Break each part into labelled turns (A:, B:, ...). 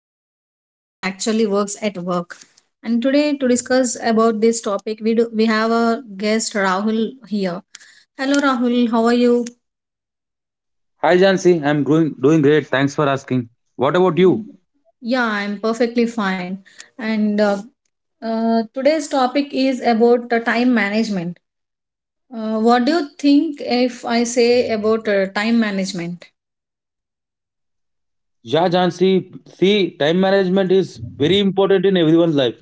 A: management hacks that actually works at work. And today to discuss about this topic, we have a guest Rahul here. Hello Rahul, how are you?
B: Hi Jansi, I'm doing great. Thanks for asking. What about you?
A: Yeah, I'm perfectly fine. And today's topic is about time management. What do you think if I say about time management?
B: Yeah, Jansi. See, time management is very important in everyone's life,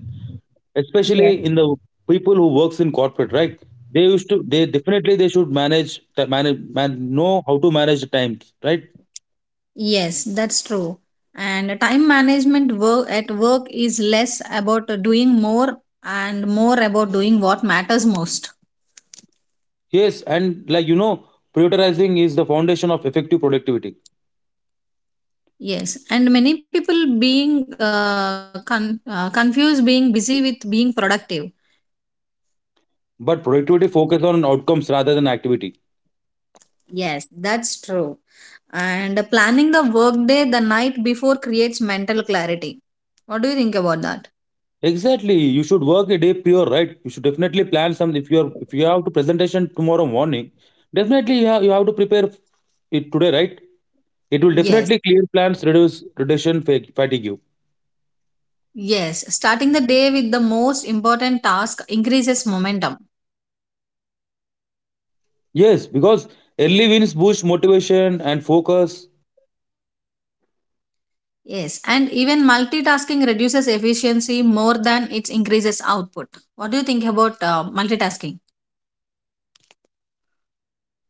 A: Yes.
B: especially in the people who works in corporate, right? They used to. They definitely they should know how to manage the times, right?
A: Yes, that's true. And time management work at work is less about doing more and more about doing what matters most.
B: Yes, and like you know, prioritizing is the foundation of effective productivity.
A: Yes, and many people being confused being busy with being productive.
B: But productivity focuses on outcomes rather than activity.
A: Yes, that's true. And planning the workday the night before creates mental clarity. What do you think about that?
B: Exactly. You should work a day prior, right? You should definitely plan some. If you have to presentation tomorrow morning, definitely you have to prepare it today, right? It will
A: Yes,
B: definitely clear plans, reduce fatigue.
A: yes. Starting the day with the most important task increases momentum.
B: Yes, because early wins boost motivation and focus.
A: Yes, and even multitasking reduces efficiency more than it increases output. What do you think about multitasking?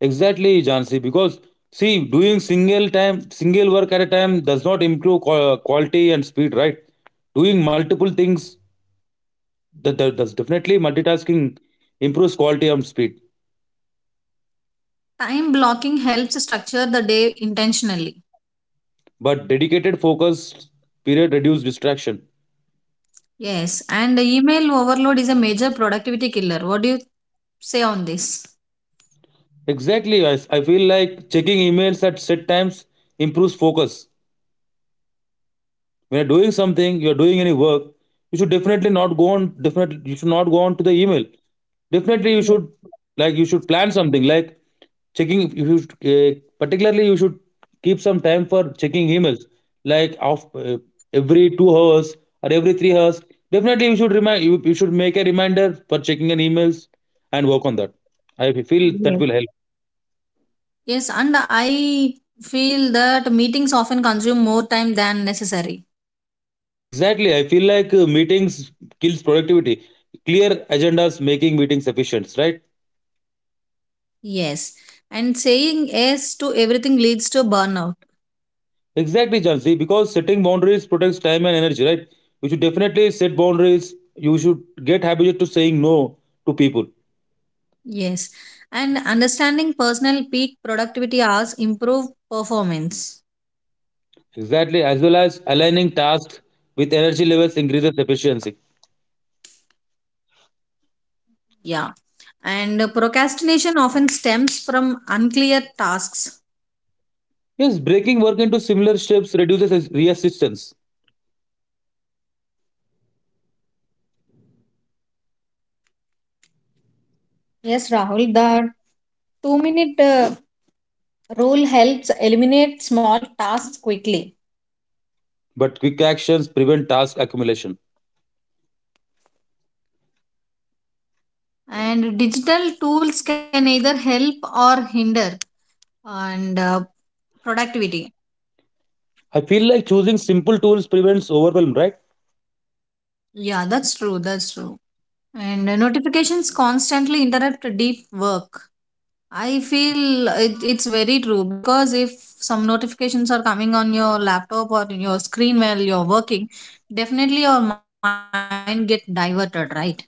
B: Exactly, Jansi. Because see, doing single time, single work at a time does not improve quality and speed, right? Doing multiple things that's definitely multitasking improves quality and speed.
A: Time blocking helps structure the day intentionally.
B: But dedicated focus period reduce distraction.
A: Yes, and email overload is a major productivity killer. What do you say on this?
B: Exactly, I feel like checking emails at set times improves focus. When you're doing something, you're doing any work, you should definitely not go on definitely you should not go on to the email. Definitely you should, like, you should plan something like checking, if you should, particularly you should keep some time for checking emails like of every 2 hours or every 3 hours. Definitely you should make a reminder for checking an emails and work on that. I feel that
A: Yes.
B: will help.
A: Yes, and I feel that meetings often consume more time than necessary.
B: Exactly. I feel like meetings kills productivity. Clear agendas making meetings efficient, right?
A: Yes, and saying yes to everything leads to burnout.
B: Exactly, Jansi, because setting boundaries protects time and energy, right? You should definitely set boundaries. You should get habituated to saying no to people.
A: Yes. And understanding personal peak productivity hours improve performance.
B: Exactly, as well as aligning tasks with energy levels increases efficiency.
A: Yeah. And procrastination often stems from unclear tasks.
B: Yes, breaking work into similar steps reduces resistance,
A: Yes, Rahul, the 2-minute rule helps eliminate small tasks quickly.
B: but quick actions prevent task accumulation.
A: And digital tools can either help or hinder and productivity.
B: I feel like choosing simple tools prevents overwhelm, right?
A: Yeah, that's true. That's true. And notifications constantly interrupt deep work. I feel it's very true, because if some notifications are coming on your laptop or in your screen while you're working, definitely your mind get diverted, right?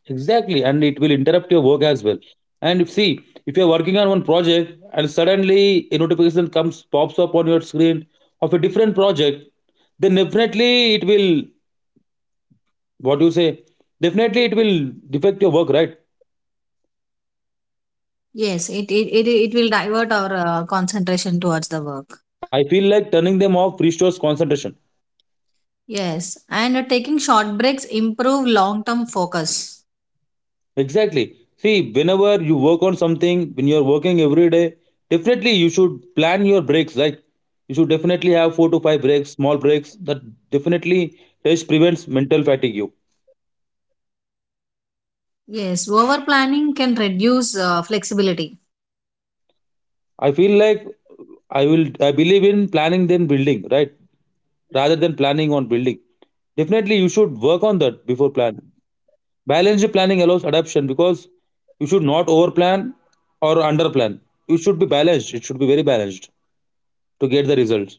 B: Exactly, and it will interrupt your work as well. And if see, if you're working on one project and suddenly a notification comes pops up on your screen of a different project, then definitely it will, what do you say? Definitely it will defect your work, right?
A: Yes, it will divert our concentration towards the work.
B: I feel like turning them off restores concentration.
A: Yes, and taking short breaks improve long term focus.
B: Exactly. See, whenever you work on something, when you're working every day, definitely you should plan your breaks, right? You should definitely have four to five breaks, small breaks. That definitely rest prevents mental fatigue.
A: Yes, over planning can reduce flexibility.
B: I feel like I believe in planning then building, right? Rather than planning on building. Definitely you should work on that before planning. Balanced planning allows adaptation because you should not over plan or under plan. You should be balanced. It should be very balanced to get the results.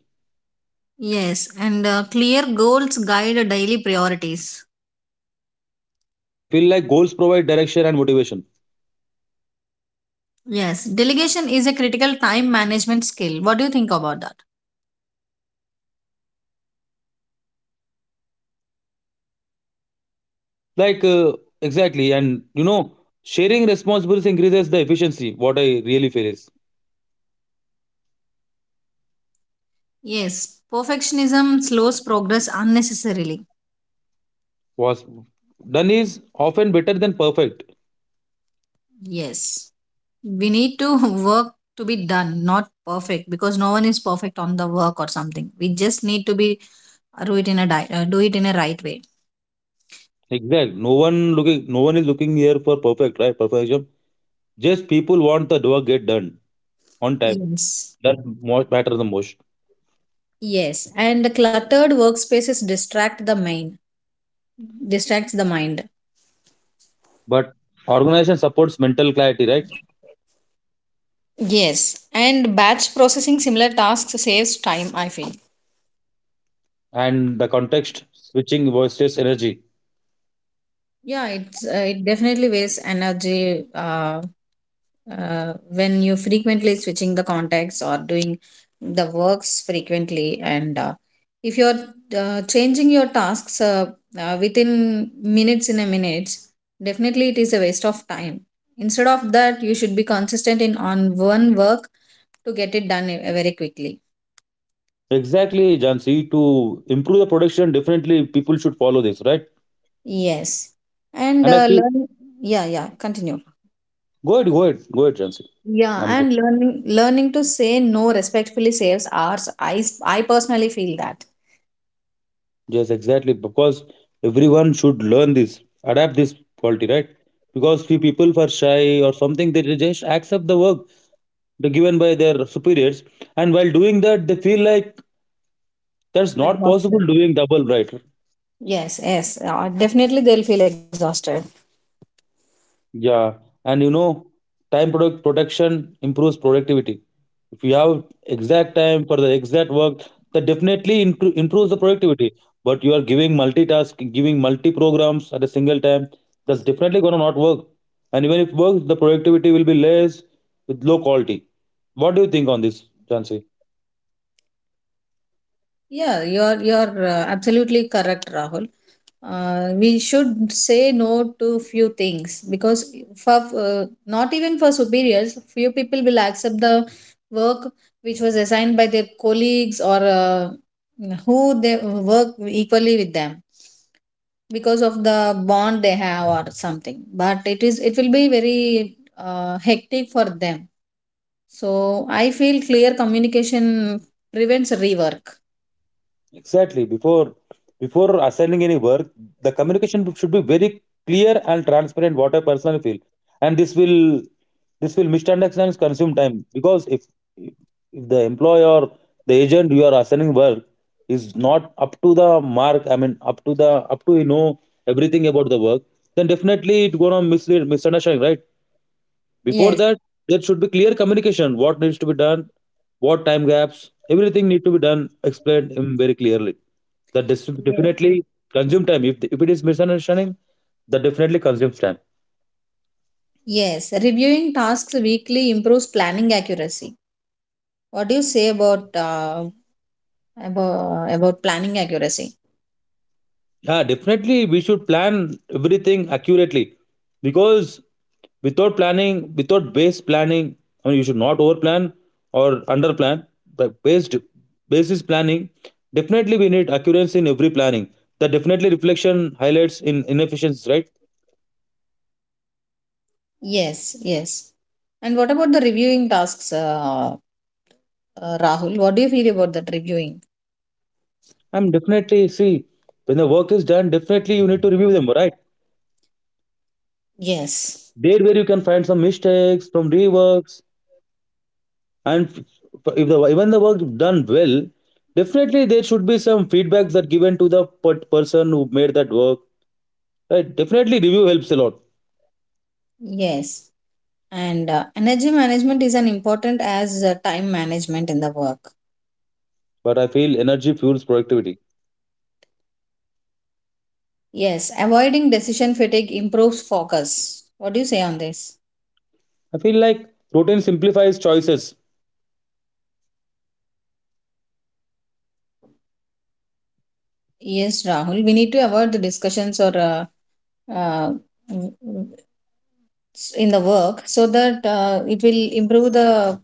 A: Yes, and clear goals guide daily priorities.
B: I feel like goals provide direction and motivation.
A: Yes, delegation is a critical time management skill. What do you think about that?
B: Like exactly, and you know, sharing responsibilities increases the efficiency. What I really feel is
A: Yes, perfectionism slows progress unnecessarily.
B: was done is often better than perfect.
A: Yes, we need to work to be done, not perfect, because no one is perfect on the work or something. We just need to be do it in a di- do it in a right way.
B: Exactly. No one is looking here for perfect, right? Perfection. Just people want the work get done on time.
A: Yes,
B: That most matter the most.
A: yes, and the cluttered workspaces distracts the mind.
B: But organization supports mental clarity, right?
A: Yes, and batch processing similar tasks saves time. I feel.
B: And the context switching versus energy.
A: Yeah, it definitely wastes energy when you frequently switching the contacts or doing the works frequently, and if you're changing your tasks within minutes definitely it is a waste of time. Instead of that, you should be consistent in on one work to get it done very quickly.
B: Exactly, Jansi. To improve the production, definitely people should follow this, right?
A: Yes, and
B: And I
A: uh,
B: feel
A: learn. Yeah, yeah. Continue.
B: go ahead, Jansi.
A: Yeah,
B: I'm,
A: and learning to say no respectfully saves hours. I personally feel that.
B: yes, exactly. Because everyone should learn this, adapt this quality, right? Because few people are shy or something, they just accept the work the given by their superiors, and while doing that, they feel like that's not possible
A: Exhausted.
B: doing double, right?
A: Yes, yes, definitely they'll feel exhausted.
B: Yeah, and you know, time product protection improves productivity. If you have exact time for the exact work, that definitely improves the productivity. But you are giving multitask, giving multi programs at a single time, that's definitely gonna not work. And even if it works, the productivity will be less with low quality. What do you think on this, Jansi?
A: Yeah, you're absolutely correct, Rahul. We should say no to few things because for not even for superiors, few people will accept the work which was assigned by their colleagues or who they work equally with them. Because of the bond they have or something, but it will be very hectic for them. So I feel clear communication prevents rework.
B: Exactly. Before assigning any work, the communication should be very clear and transparent. What I personally feel, and this will misunderstands consume time because if the employee or the agent you are assigning work is not up to the mark, I mean up to the up to you know everything about the work, then definitely it gonna mislead misunderstanding, right? Before
A: Yes.
B: that, there should be clear communication. What needs to be done, what time gaps, everything need to be done, explained very clearly. That
A: Yes.
B: definitely consume time. If it is misunderstanding, that definitely consumes time.
A: Yes, reviewing tasks weekly improves planning accuracy. What do you say about about planning accuracy?
B: Yeah, definitely we should plan everything accurately because without planning, without base planning, I mean you should not overplan or underplan, but based basis planning, definitely we need accuracy in every planning. That definitely reflection highlights in inefficiencies, right?
A: Yes, yes, and what about the reviewing tasks, Rahul? What do you feel about that reviewing?
B: I'm definitely see when the work is done, definitely you need to review them, right?
A: Yes.
B: There where you can find some mistakes, some reworks, and if the even the work done well, definitely there should be some feedback that given to the person who made that work. Right? Definitely review helps a lot.
A: Yes. And energy management is an important as time management in the work.
B: But I feel energy fuels productivity.
A: Yes, avoiding decision fatigue improves focus. What do you say on this?
B: I feel like routine simplifies choices.
A: Yes, Rahul, we need to avoid the discussions or uh, in the work so that it will improve the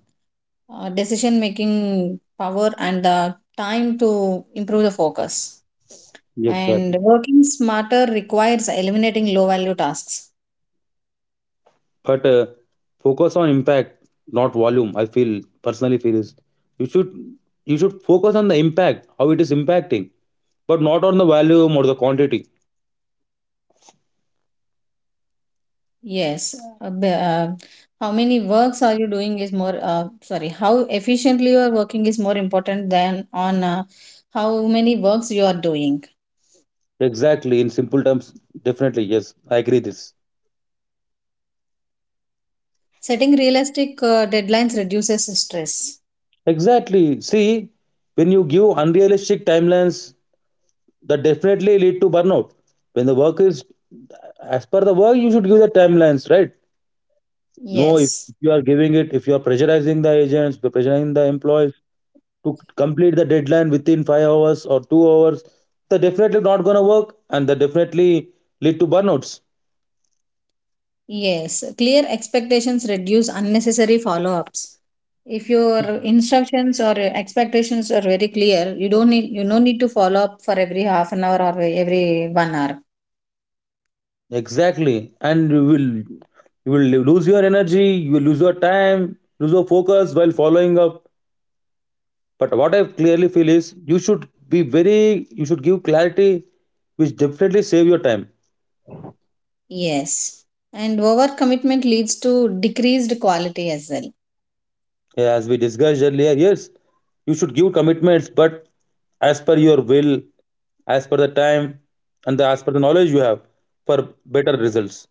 A: decision making power and the time to improve the focus. And
B: Exactly.
A: working smarter requires eliminating low value tasks.
B: But focus on impact, not volume. I feel personally feel is you should you should focus on the impact, how it is impacting, but not on the volume or the quantity.
A: Yes. How many works are you doing is more, sorry, how efficiently you are working is more important than on how many works you are doing.
B: Exactly. In simple terms, definitely yes, I agree this.
A: Setting realistic deadlines reduces stress.
B: Exactly. See, when you give unrealistic timelines, that definitely lead to burnout. When the work is as per the work, you should give the timelines, right? No, if
A: Yes.
B: if you are giving it, if you are pressurizing the agents, you're pressurizing the employees to complete the deadline within 5 hours or 2 hours, they're definitely not gonna work, and they definitely lead to burnouts.
A: Yes. Clear expectations reduce unnecessary follow ups. If your instructions or expectations are very clear, you don't need to follow up for every half an hour or every 1 hour.
B: Exactly, and you will lose your energy, you will lose your time, lose your focus while following up. But what I clearly feel is you should give clarity, which definitely save your time.
A: Yes. And overcommitment leads to decreased quality as well.
B: Yeah, as we discussed earlier, yes, you should give commitments, but as per your will, as per the time, and as per the knowledge you have for better results.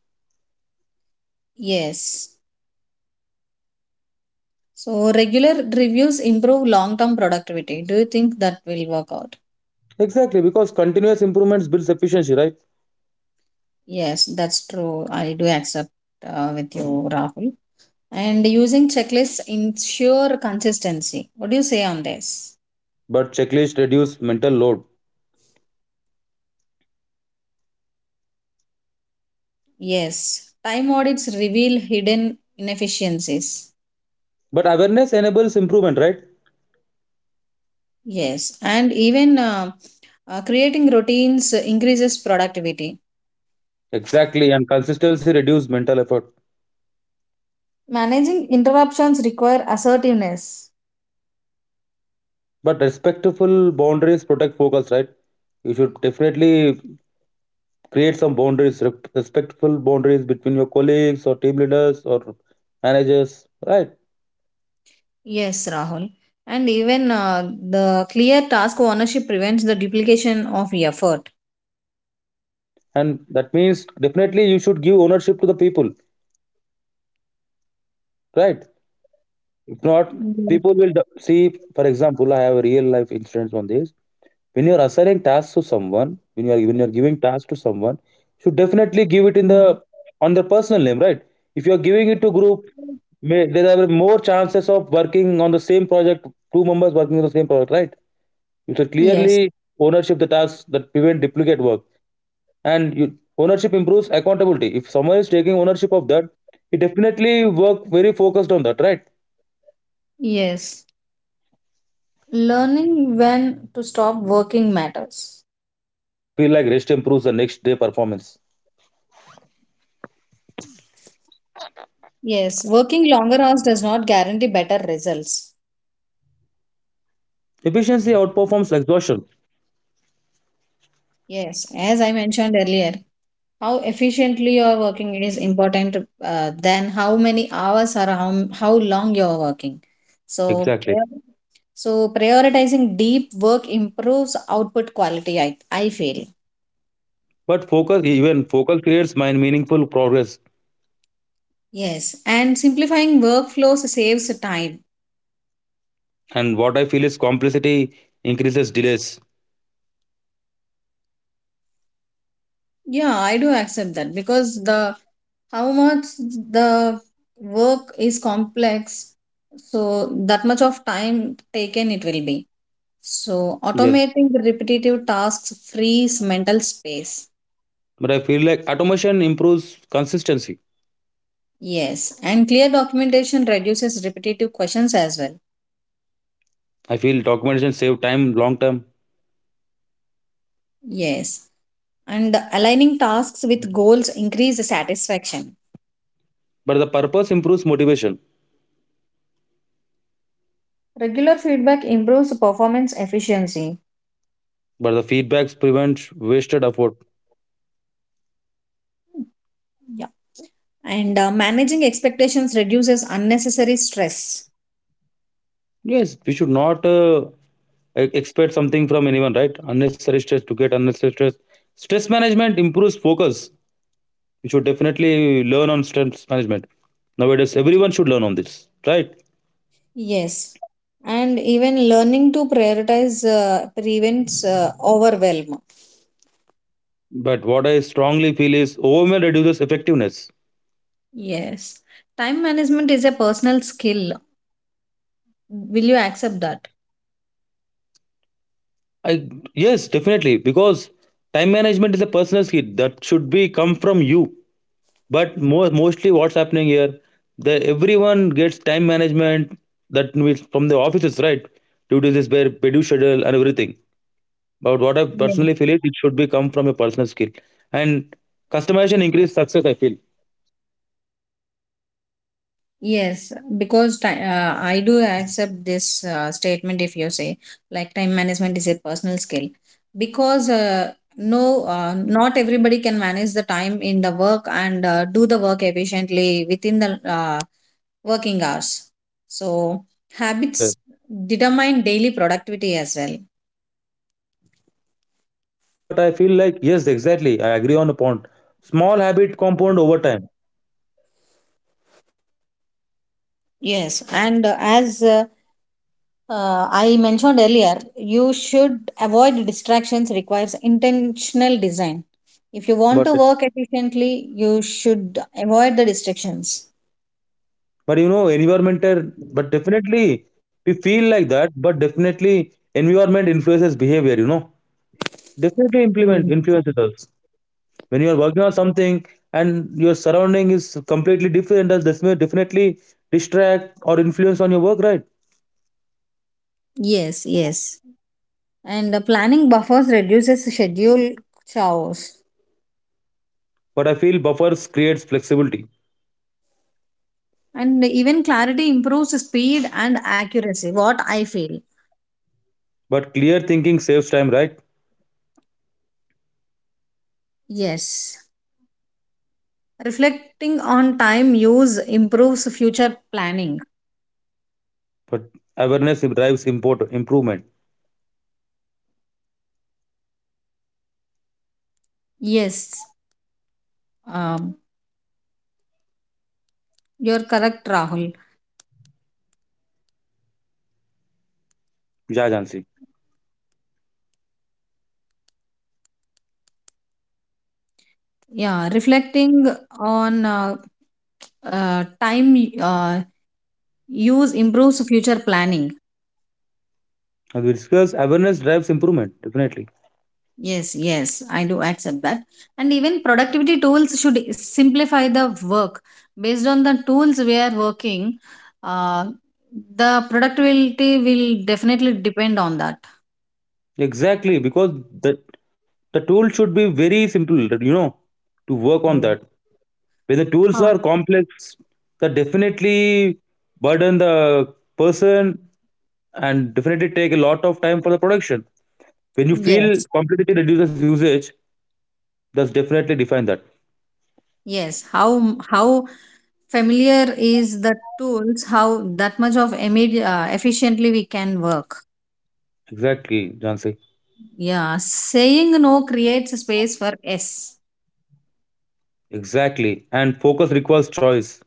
A: Yes. So regular reviews improve long term productivity. Do you think that will work out?
B: Exactly, because continuous improvements builds efficiency, right?
A: Yes, that's true. I do accept with you, Rahul. And using checklists ensure consistency. What do you say on this?
B: But checklist reduce mental load.
A: Yes. Time audits reveal hidden inefficiencies.
B: But awareness enables improvement, right?
A: Yes. And even creating routines increases productivity.
B: Exactly, and consistency reduce mental effort.
A: Managing interruptions require assertiveness.
B: But respectful boundaries protect focus, right? You should definitely create some boundaries, respectful boundaries between your colleagues or team leaders or managers, right?
A: Yes, Rahul. And even the clear task ownership prevents the duplication of effort.
B: And that means definitely you should give ownership to the people, right? If not,
A: Mhm.
B: people will see, for example, I have a real life instance on this. When you are assigning tasks to someone, when you are giving tasks to someone, you should definitely give it in the on their personal name, right? If you are giving it to group, may, there are more chances of working on the same project, two members working on the same project, right? You should
A: Yes.
B: clearly ownership the tasks that prevent duplicate work, and you, ownership improves accountability. If someone is taking ownership of that, he definitely work very focused on that, right?
A: Yes. Learning when to stop working matters.
B: I feel like rest improves the next day performance.
A: Yes. Working longer hours does not guarantee better results.
B: Efficiency outperforms exhaustion.
A: Yes. As I mentioned earlier, how efficiently you are working is important than how many hours or how long you are working. So
B: Exactly.
A: prioritizing deep work improves output quality, I feel.
B: But even focus creates mind meaningful progress.
A: Yes, and simplifying workflows saves time.
B: And what I feel is complexity increases delays.
A: Yeah, I do accept that because the how much the work is complex, so that much of time taken it will be. So,
B: Yeah.
A: automating the repetitive tasks frees mental space.
B: But I feel like automation improves consistency.
A: Yes. And clear documentation reduces repetitive questions as well.
B: I feel documentation save time long term.
A: Yes. And aligning tasks with goals increase the satisfaction.
B: But the purpose improves motivation.
A: Regular feedback improves performance efficiency.
B: But the feedbacks prevent wasted effort.
A: Yeah. And managing expectations reduces unnecessary stress.
B: Yes, we should not expect something from anyone, right? Unnecessary stress to get unnecessary stress. Stress management improves focus. You should definitely learn on stress management. Nowadays, everyone should learn on this, right?
A: Yes. And even learning to prioritize prevents overwhelm.
B: But what I strongly feel is overwhelm reduces effectiveness.
A: Yes. Time management is a personal skill. Will you accept that?
B: I, yes, definitely because time management is a personal skill that should be come from you. But more mostly, what's happening here? The everyone gets time management that means from the offices, right? Due to this bare reduced schedule and everything. But what I
A: Yes.
B: personally feel is it should be come from a personal skill and customization increase success. I feel.
A: Yes, because I do accept this statement if you say like time management is a personal skill, because no, not everybody can manage the time in the work and do the work efficiently within the working hours. So
B: Yeah.
A: habits determine daily productivity as well.
B: But I feel like yes, exactly. I agree on a point. Small habit compound over time.
A: Yes, and as I mentioned earlier, you should avoid distractions requires intentional design. If you want
B: But
A: to work efficiently, you should avoid the distractions.
B: but you know, environmental. But definitely, we feel like that. But definitely, environment influences behavior. You know, definitely implement
A: Mm.
B: influences us when you are working on something and your surrounding is completely different. Does this may definitely distract or influence on your work, right?
A: Yes, yes. And planning buffers reduces schedule chaos.
B: But I feel buffers creates flexibility.
A: And even clarity improves speed and accuracy, what I feel.
B: But clear thinking saves time, right?
A: Yes. Reflecting on time use improves future planning.
B: But awareness drives import improvement.
A: Yes. Um, you're correct, Rahul.
B: Yeah, Jansi.
A: Yeah, reflecting on time use improves future planning.
B: As we discussed, awareness drives improvement, definitely.
A: Yes, yes, I do accept that. And even productivity tools should simplify the work. Based on the tools we are working, uh, the productivity will definitely depend on that.
B: Exactly, because the, the tool should be very simple, you know, to work on
A: Yes.
B: that. When the tools
A: Huh.
B: are complex, that definitely burden the person and definitely take a lot of time for the production. When you feel
A: Yes,
B: complexity reduces usage, that's definitely define that.
A: yes. How familiar is the tools? How that much of immediate efficiently we can work?
B: Exactly, Jansi.
A: Yeah, saying no creates a space for yes.
B: Exactly. And focus requires choice.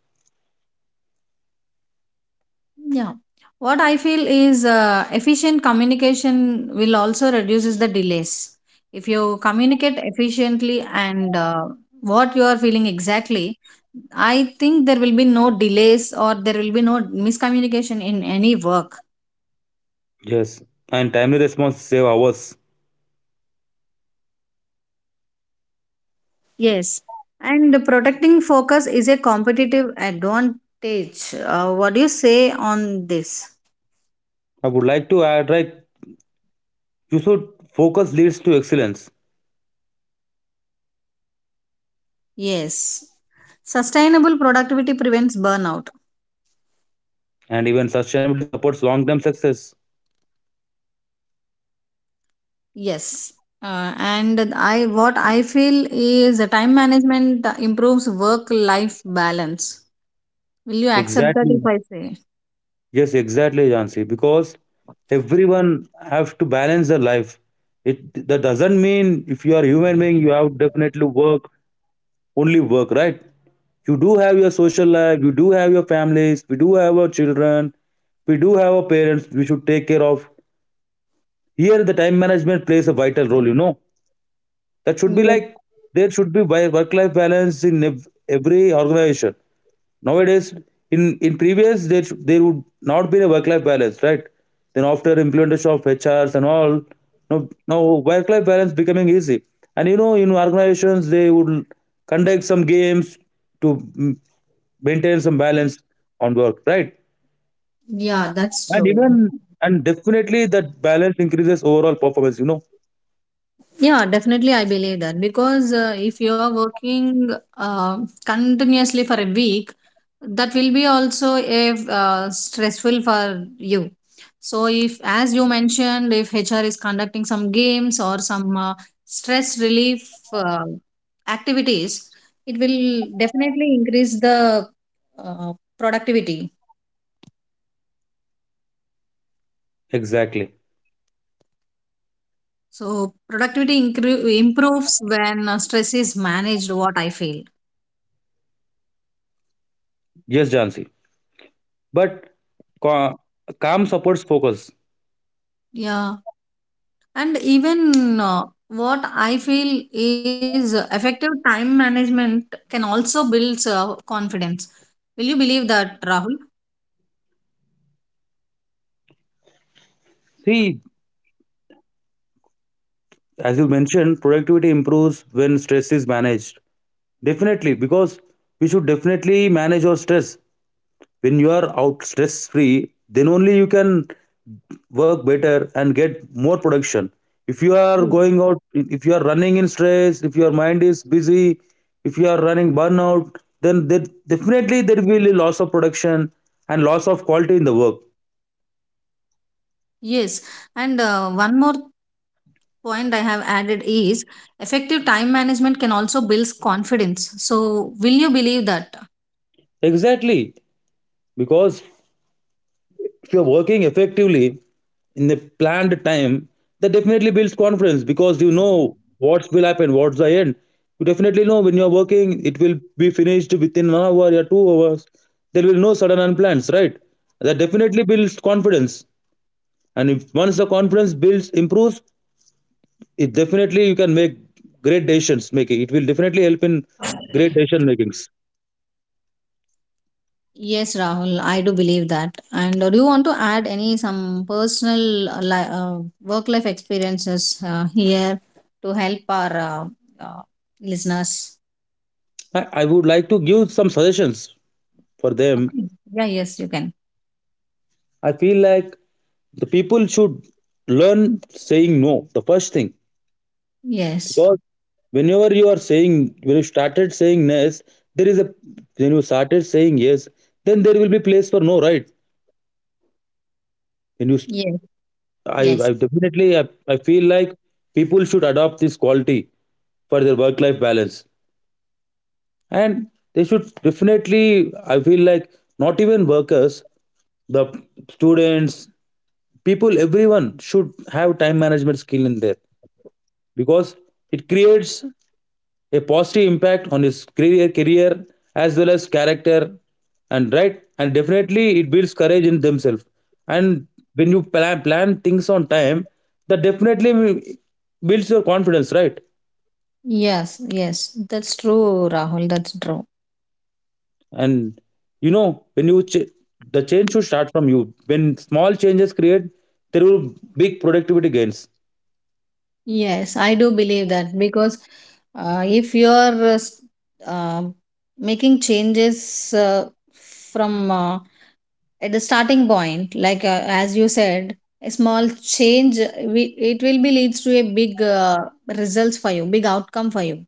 A: Yeah. What I feel is efficient communication will also reduces the delays. If you communicate efficiently and what you are feeling exactly, I think there will be no delays or there will be no miscommunication in any work.
B: Yes. And timely response save hours.
A: Yes. And protecting focus is a competitive advantage. What do you say on this?
B: I would like to add like you should focus leads to excellence,
A: Yes. Sustainable productivity prevents burnout.
B: and even sustainability supports long term success.
A: Yes. And I What I feel is the time management improves work life balance. Will you accept that if
B: Exactly.
A: I say?
B: Yes, exactly, Jansi. Because everyone have to balance their life. It that doesn't mean if you are a human being, you have definitely work, only work, right? You do have your social life, you do have your families, we do have our children, we do have our parents we should take care of. Here the time management plays a vital role, you know. That should be
A: Yes.
B: like there should be work life balance in every organization. Nowadays, in previous there should, there would not be a work life balance, right? Then after implementation of HRs and all, now work life balance becoming easy. And you know, in organizations they would conduct some games to maintain some balance on work, right?
A: Yeah, that's
B: And
A: true.
B: even and definitely that balance increases overall performance. You know
A: Yeah, definitely, I believe that because if you are working uh, continuously for a week, that will be also a stressful for you. So, if as you mentioned, if HR is conducting some games or some stress relief uh, activities, it will definitely increase the uh, productivity.
B: exactly.
A: So, productivity improves when stress is managed. What I feel.
B: Yes, Jansi. But ca- calm supports focus.
A: Yeah. And even what I feel is effective time management can also build confidence. Will you believe that, Rahul?
B: See, as you mentioned, productivity improves when stress is managed. Definitely, because we should definitely manage our stress. When you are out stress free, then only you can work better and get more production. If you are
A: Yes.
B: going out, if you are running in stress, if your mind is busy, if you are running burnout, then there, definitely there will be loss of production and loss of quality in the work.
A: Yes. And one more point I have added is effective time management can also build confidence. So, will you believe that?
B: Exactly. Because if you're working effectively in the planned time, that definitely builds confidence because you know what will happen, what's the end. You definitely know when you're working it will be finished within 1 hour or 2 hours. There will be no sudden unplans, right? That definitely builds confidence, and if once the confidence builds improves, it definitely you can make great decisions making. It will definitely help in great decision makings.
A: Yes, Rahul, I do believe that. And do you want to add any some personal work life experiences here to help our uh, listeners?
B: I would like to give some suggestions for them.
A: Okay. Yeah, yes, you can.
B: I feel like the people should learn saying no, the first thing.
A: Yes,
B: Because whenever you are saying, when you started saying yes, there is a, when you started saying yes, then there will be place for no, right? When you,
A: yes,
B: I
A: yes,
B: I definitely, I feel like people should adopt this quality for their work life balance. And they should definitely, I feel like, not even workers, the students, people, everyone should have time management skill in there. Because it creates a positive impact on his career as well as character and right, and definitely it builds courage in themselves. And when you plan things on time, that definitely builds your confidence, right?
A: yes, yes. That's true, Rahul. That's true.
B: And you know, when you the change should start from you. When small changes create, there will big productivity gains.
A: Yes, I do believe that because if uh, making changes from at the starting point, like as you said, a small change it will be leads to a big results for you, big outcome for you.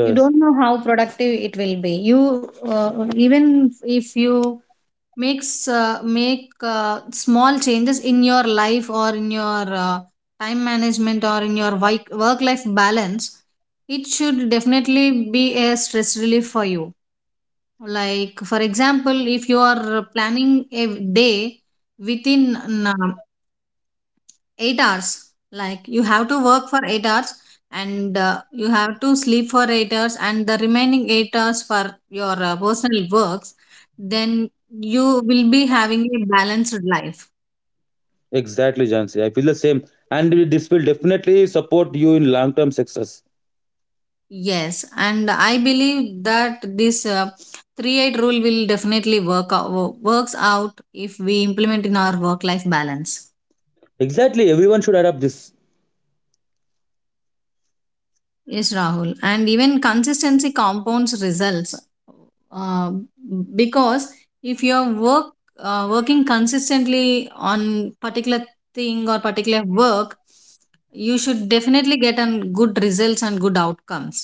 A: You don't know how productive it will be. You Even if you make uh, small changes in your life or in your time management or in your work life balance, it should definitely be a stress relief for you. Like for example, if you are planning a day within um, 8 hours, like you have to work for 8 hours, and you have to sleep for 8 hours and the remaining 8 hours for your personal works, then you will be having a balanced life.
B: exactly, Jansi, I feel the same. And this will definitely support you in long term success.
A: Yes, and I believe that this 3 8 rule will definitely works out if we implement in our work life balance.
B: Exactly, everyone should adopt this.
A: Yes, Rahul. And even consistency compounds results. Uh, because if you're working consistently on particular thing or particular work, you should definitely get an good results and good outcomes.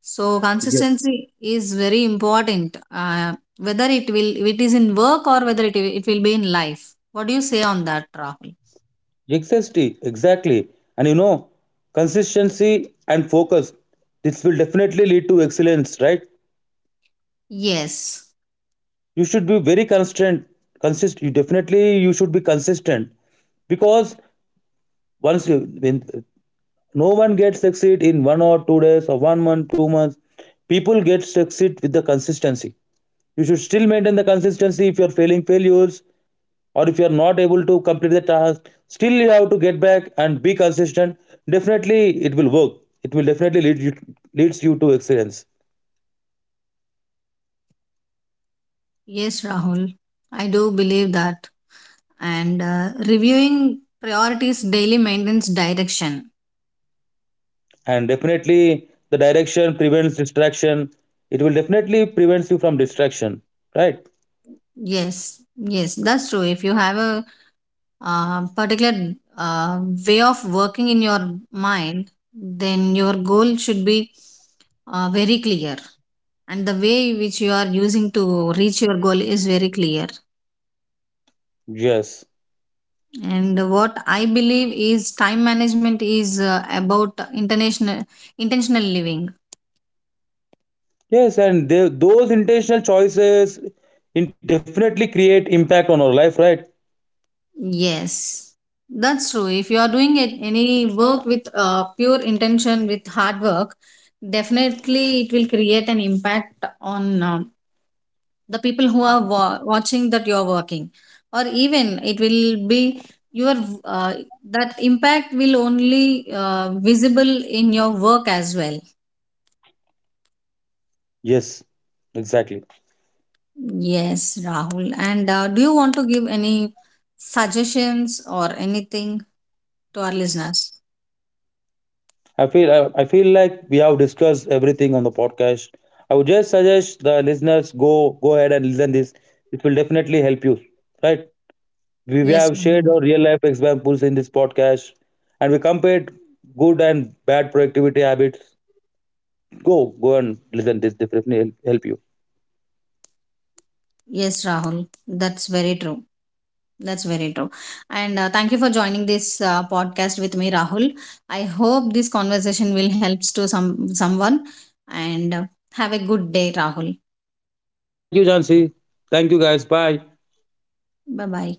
A: So
B: Yes.
A: consistency is very important. Whether it is in work or whether it will be in life. What do you say on that, Rahul?
B: Exactly, exactly. And you know, consistency and focus. This will definitely lead to excellence, right?
A: Yes.
B: You should be very constant. Consist. You definitely you should be consistent, because once you when no one gets succeed in 1 or 2 days or 1 month 2 months. People get succeed with the consistency. You should still maintain the consistency if you are failing failures, or if you are not able to complete the task, still you have to get back and be consistent. Definitely it will work, it will definitely lead you, leads you to excellence.
A: Yes, Rahul, I do believe that. And reviewing priorities daily maintenance direction.
B: And definitely the direction prevents distraction. It will definitely prevents you from distraction, right?
A: Yes, yes, that's true. If you have a particular uh, way of working in your mind, then your goal should be very clear. And the way which you are using to reach your goal is very clear.
B: Yes.
A: And what I believe is time management is about international intentional living.
B: Yes, and they, those intentional choices in definitely create impact on our life, right?
A: Yes, that's true. If you are doing it, any work with pure intention, with hard work, definitely it will create an impact on the people who are watching that you are working, or even it will be your, uh, that impact will only visible in your work as well.
B: Yes, exactly.
A: Yes, Rahul. And do you want to give any suggestions or anything to our listeners?
B: I feel I feel like we have discussed everything on the podcast. I would just suggest the listeners go ahead and listen this. It will definitely help you, right? We
A: Yes,
B: have shared
A: Rahul.
B: our real life examples in this podcast, and we compared good and bad productivity habits. Go and listen. This definitely help you.
A: Yes, Rahul, that's very true. That's very true. And thank you for joining this podcast with me, Rahul. I hope this conversation will help to someone. And have a good day, Rahul.
B: Thank you, Jansi. Thank you, guys. Bye.
A: Bye bye.